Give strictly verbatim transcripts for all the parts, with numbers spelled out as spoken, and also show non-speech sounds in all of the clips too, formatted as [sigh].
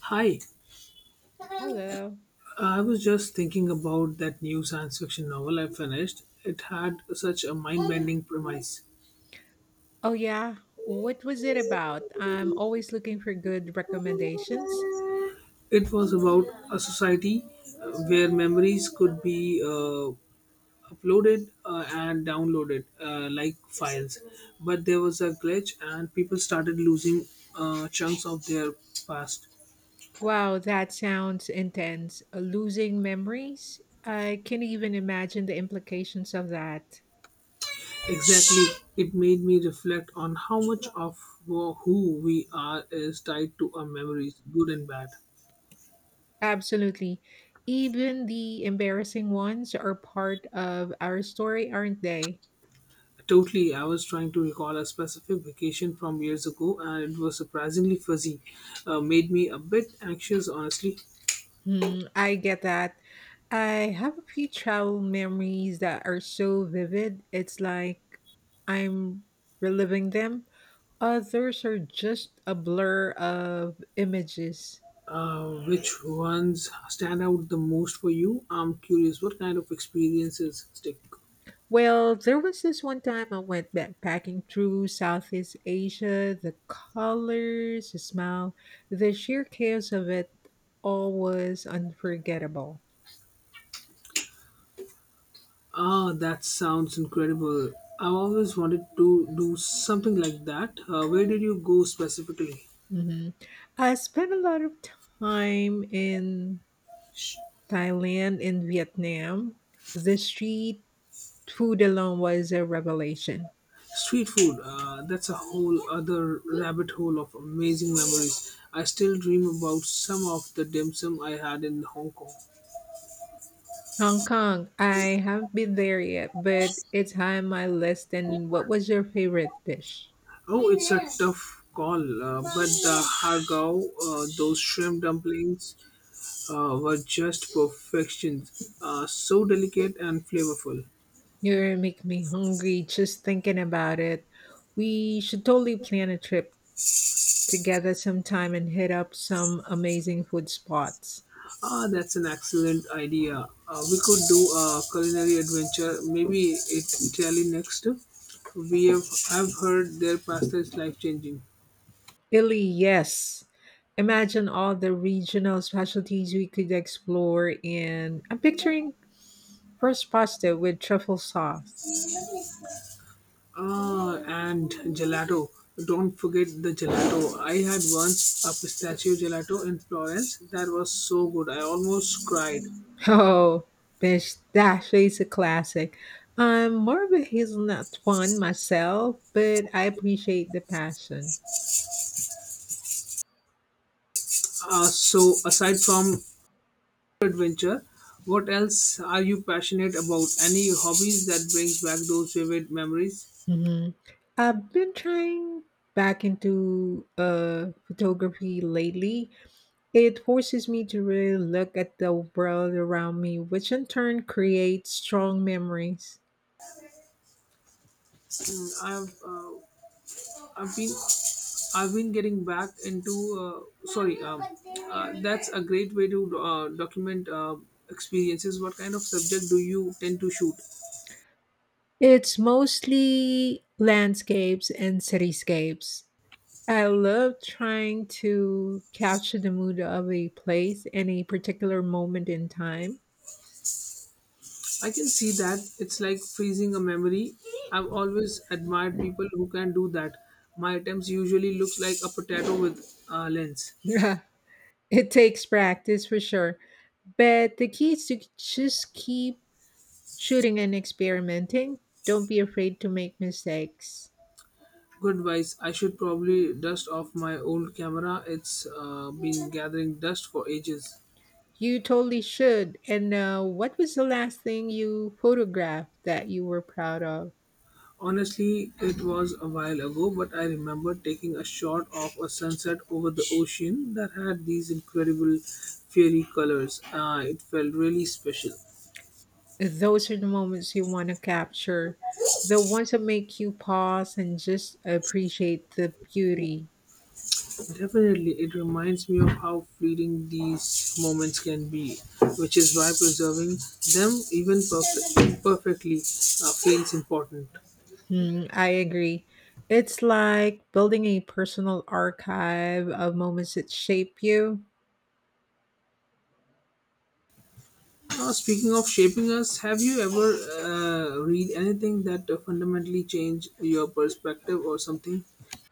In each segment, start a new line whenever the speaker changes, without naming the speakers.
Hi,
Hello.
I was just thinking about that new science fiction novel I finished. It had such a mind bending premise.
Oh, yeah. What was it about? I'm always looking for good recommendations.
It was about a society uh, where memories could be uh, uploaded uh, and downloaded uh, like files. But there was a glitch, and people started losing uh, chunks of their past.
Wow, that sounds intense. Uh, Losing memories? I can't even imagine the implications of that.
Exactly. It made me reflect on how much of wh- who we are is tied to our memories, good and bad.
Absolutely. Even the embarrassing ones are part of our story, aren't they?
Totally, I was trying to recall a specific vacation from years ago and it was surprisingly fuzzy. Uh, made me a bit anxious, honestly.
Hmm, I get that. I have a few travel memories that are so vivid. It's like I'm reliving them. Others are just a blur of images.
Uh, which ones stand out the most for you? I'm curious what kind of experiences stick.
Well, there was this one time I went backpacking through Southeast Asia. The colors, the smell, the sheer chaos of it all was unforgettable.
Ah, that sounds incredible. I've always wanted to do something like that. Uh, where did you go specifically?
hmm I spent a lot of time in Thailand and Vietnam. The street food alone was a revelation.
Street food, uh, that's a whole other rabbit hole of amazing memories. I still dream about some of the dim sum I had in Hong Kong.
Hong Kong, I haven't been there yet, but it's high on my list. And what was your favorite dish?
Oh, it's a tough call, uh, but the hargao, uh, those shrimp dumplings, uh, were just perfection. Uh, so delicate and flavorful.
You're making me hungry just thinking about it. We should totally plan a trip together sometime and hit up some amazing food spots.
Ah, that's an excellent idea. Uh, we could do a culinary adventure, maybe it Italy next. We have, I've heard their pasta is life changing.
Italy, yes. Imagine all the regional specialties we could explore in. I'm picturing first pasta with truffle sauce.
Ah, and gelato. Don't forget the gelato. I had once a pistachio gelato in Florence that was so good. I almost cried.
Oh, pistachio is a classic. I'm more of a hazelnut fan myself, but I appreciate the passion.
Uh, so, aside from adventure, what else are you passionate about? Any hobbies that brings back those vivid memories?
hmm I've been trying back into uh, photography lately. It forces me to really look at the world around me, which in turn creates strong memories.
Mm, I've uh, I've been I've been getting back into uh, sorry. Um, uh, that's a great way to uh, document uh, experiences. What kind of subject do you tend to shoot?
It's mostly landscapes and cityscapes. I love trying to capture the mood of a place and a particular moment in time.
I can see that it's like freezing a memory. I've always admired people who can do that. My attempts usually look like a potato with a lens.
Yeah, [laughs] it takes practice for sure, but the key is to just keep shooting and experimenting. Don't be afraid to make mistakes.
Good advice. I should probably dust off my old camera. It's uh, been gathering dust for ages.
You totally should. And uh, what was the last thing you photographed that you were proud of?
Honestly, it was a while ago, but I remember taking a shot of a sunset over the ocean that had these incredible fiery colors. Uh, it felt really special.
Those are the moments you want to capture, the ones that make you pause and just appreciate the beauty.
Definitely, it reminds me of how fleeting these moments can be, which is why preserving them, even perf- imperfectly, uh, feels important.
Hmm, I agree. It's like building a personal archive of moments that shape you.
Now, speaking of shaping us, have you ever uh, read anything that uh, fundamentally changed your perspective or something?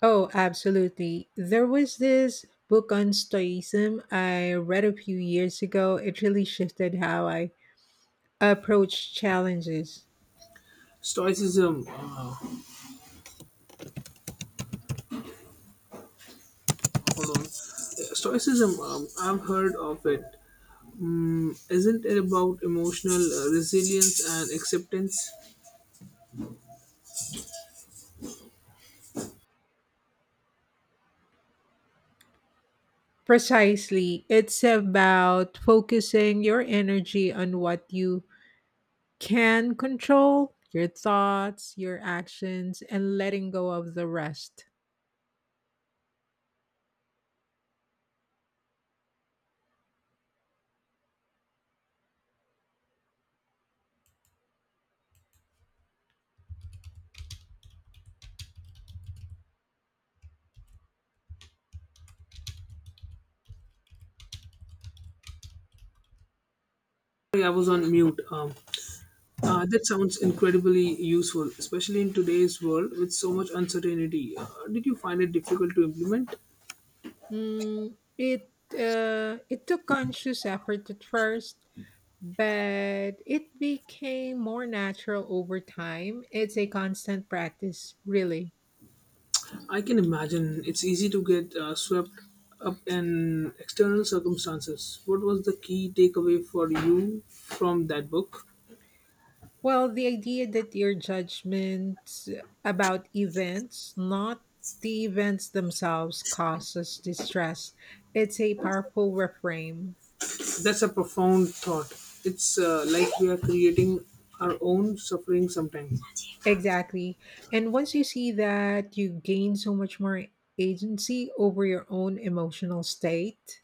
Oh, absolutely. There was this book on Stoicism I read a few years ago. It really shifted how I approach challenges.
Stoicism, uh, hold on. Uh, Stoicism, um, I've heard of it. Mm, isn't it about emotional uh, resilience and acceptance?
Precisely, it's about focusing your energy on what you can control, your thoughts, your actions, and letting go of the rest.
Sorry, I was on mute. Um, Uh, that sounds incredibly useful, especially in today's world with so much uncertainty. Uh, did you find it difficult to implement?
Mm, it uh, it took conscious effort at first, but it became more natural over time. It's a constant practice, really.
I can imagine it's easy to get uh, swept up in external circumstances. What was the key takeaway for you from that book?
Well, the idea that your judgments about events, not the events themselves, causes distress. It's a powerful reframe.
That's a profound thought. It's uh, like we are creating our own suffering sometimes.
Exactly. And once you see that, you gain so much more agency over your own emotional state.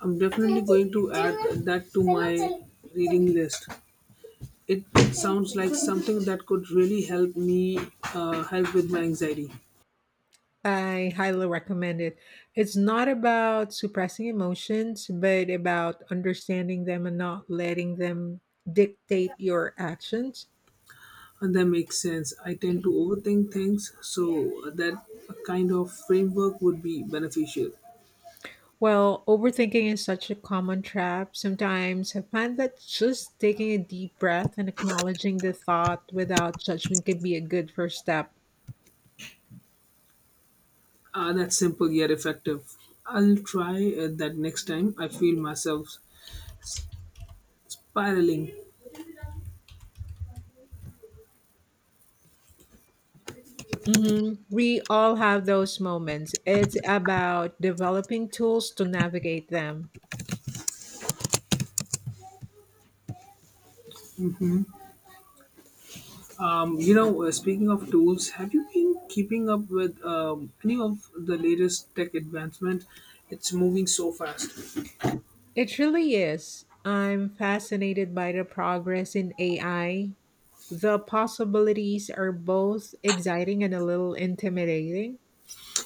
I'm definitely going to add that to my reading list. It sounds like something that could really help me uh, help with my anxiety.
I highly recommend it. It's not about suppressing emotions, but about understanding them and not letting them dictate your actions.
And that makes sense. I tend to overthink things, so that kind of framework would be beneficial.
Well, overthinking is such a common trap. Sometimes I find that just taking a deep breath and acknowledging the thought without judgment can be a good first step.
Uh, that's simple yet effective. I'll try uh, that next time I feel myself spiraling.
hmm We all have those moments. It's about developing tools to navigate them.
Um, you know, uh, speaking of tools, have you been keeping up with um, any of the latest tech advancement? It's moving so fast.
It really is. I'm fascinated by the progress in A I. The possibilities are both exciting and a little intimidating.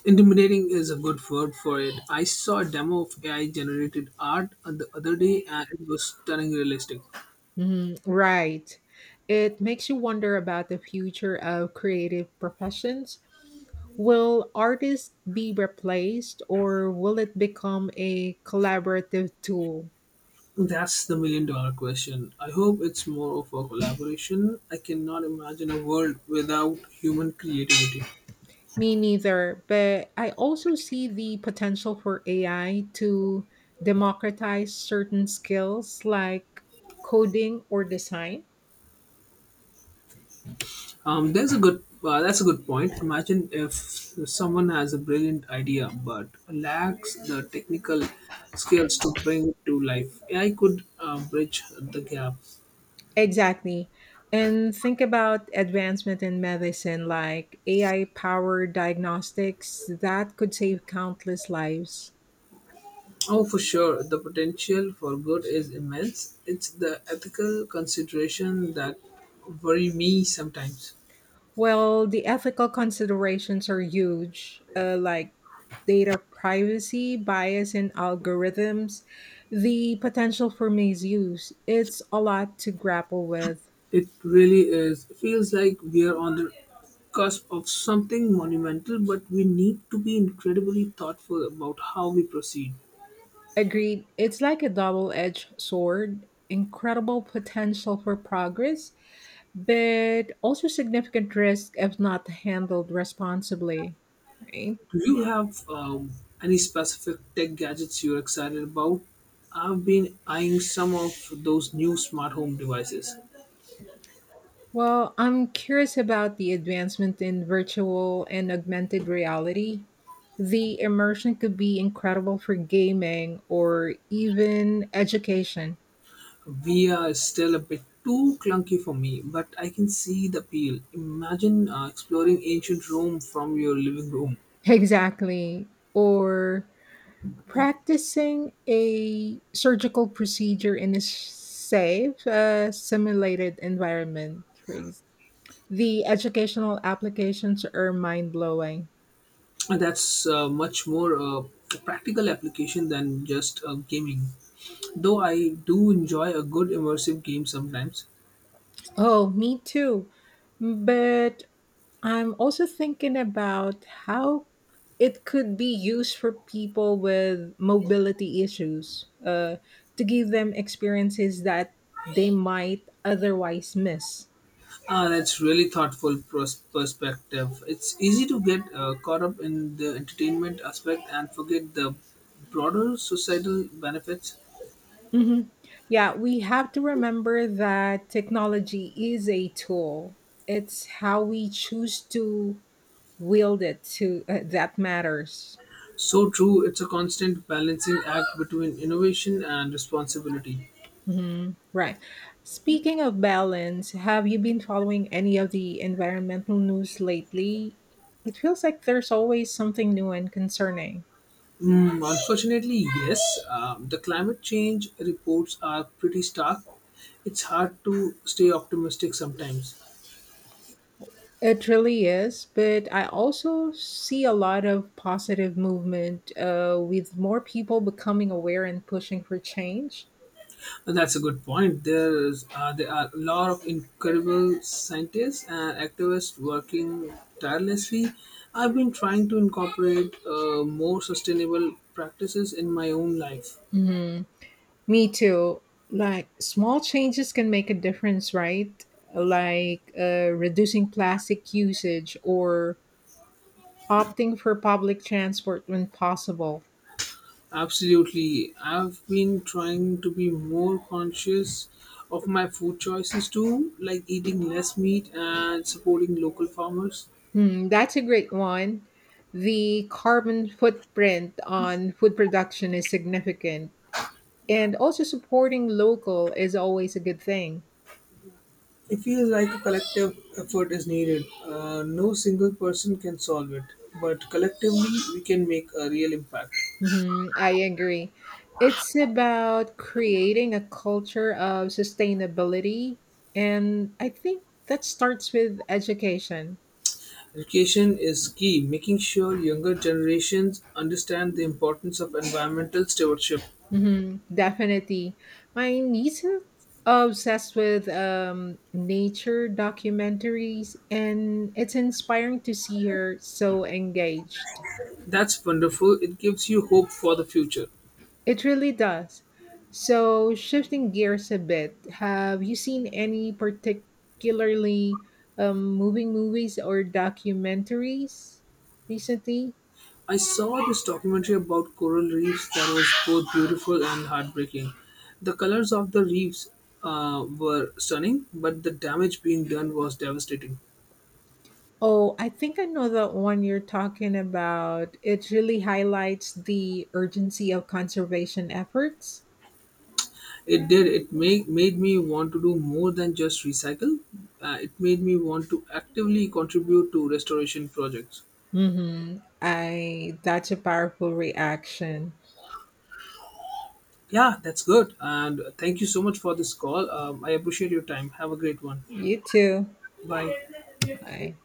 Intimidating is a good word for it. I saw a demo of A I generated art the other day and it was stunning realistic.
Mhm. Right. It makes you wonder about the future of creative professions. Will artists be replaced or will it become a collaborative tool?
That's the million dollar question. I hope it's more of a collaboration. I cannot imagine a world without human creativity.
Me neither, but I also see the potential for A I to democratize certain skills like coding or design.
Um, there's a good uh, That's a good point. Imagine if someone has a brilliant idea but lacks the technical skills to bring it to life. A I could uh, bridge the gap.
Exactly. And think about advancement in medicine like A I powered diagnostics that could save countless lives.
Oh, for sure. The potential for good is immense. It's the ethical consideration that worry me sometimes.
Well, the ethical considerations are huge, uh, like data privacy, bias in algorithms, the potential for misuse. It's a lot to grapple with.
It really is. It feels like we are on the cusp of something monumental, but we need to be incredibly thoughtful about how we proceed.
Agreed, it's like a double edged sword, incredible potential for progress, but also significant risk if not handled responsibly, right?
Do you have um, any specific tech gadgets you're excited about? I've been eyeing some of those new smart home devices.
Well, I'm curious about the advancement in virtual and augmented reality. The immersion could be incredible for gaming or even education. [laughs]
V R is still a bit too clunky for me, but I can see the appeal. Imagine uh, exploring ancient Rome from your living room.
Exactly. Or practicing a surgical procedure in a safe, uh, simulated environment. for ex- The educational applications are mind blowing.
That's uh, much more uh, practical application than just uh, gaming. Though I do enjoy a good immersive game sometimes.
Oh, me too. But I'm also thinking about how it could be used for people with mobility issues uh, to give them experiences that they might otherwise miss.
Ah, that's really thoughtful pros- perspective. It's easy to get uh, caught up in the entertainment aspect and forget the broader societal benefits.
Mhm. Yeah, we have to remember that technology is a tool. It's how we choose to wield it to uh, that matters.
So true, it's a constant balancing act between innovation and responsibility.
Mhm. Right. Speaking of balance, have you been following any of the environmental news lately? It feels like there's always something new and concerning.
Mm, unfortunately, yes, um, the climate change reports are pretty stark. It's hard to stay optimistic sometimes.
It really is, but I also see a lot of positive movement uh, with more people becoming aware and pushing for change.
And that's a good point. There's, uh, there are a lot of incredible scientists and activists working tirelessly. I've been trying to incorporate uh, more sustainable practices in my own life.
hmm Me too. Like small changes can make a difference, right? Like uh, reducing plastic usage or opting for public transport when possible.
Absolutely. I've been trying to be more conscious of my food choices too, like eating less meat and supporting local farmers.
Hmm, that's a great one. The carbon footprint on food production is significant, and also supporting local is always a good thing.
It feels like a collective effort is needed. Uh, no single person can solve it, but collectively we can make a real impact.
Mhm, I agree. It's about creating a culture of sustainability, and I think that starts with education.
Education is key, making sure younger generations understand the importance of environmental stewardship.
Hmm definitely. My niece is obsessed with um, nature documentaries, and it's inspiring to see her so engaged.
That's wonderful. It gives you hope for the future.
It really does. So, shifting gears a bit, have you seen any particularly um, moving movies or documentaries recently?
I saw this documentary about coral reefs that was both beautiful and heartbreaking. The colors of the reefs uh, were stunning, but the damage being done was devastating.
Oh, I think I know the one you're talking about. It really highlights the urgency of conservation efforts.
It did. It make, made me want to do more than just recycle. Uh, it made me want to actively contribute to restoration projects.
Mm-hmm. I that's a powerful reaction.
Yeah, that's good. And thank you so much for this call. Um, I appreciate your time. Have a great one.
You too.
Bye.
I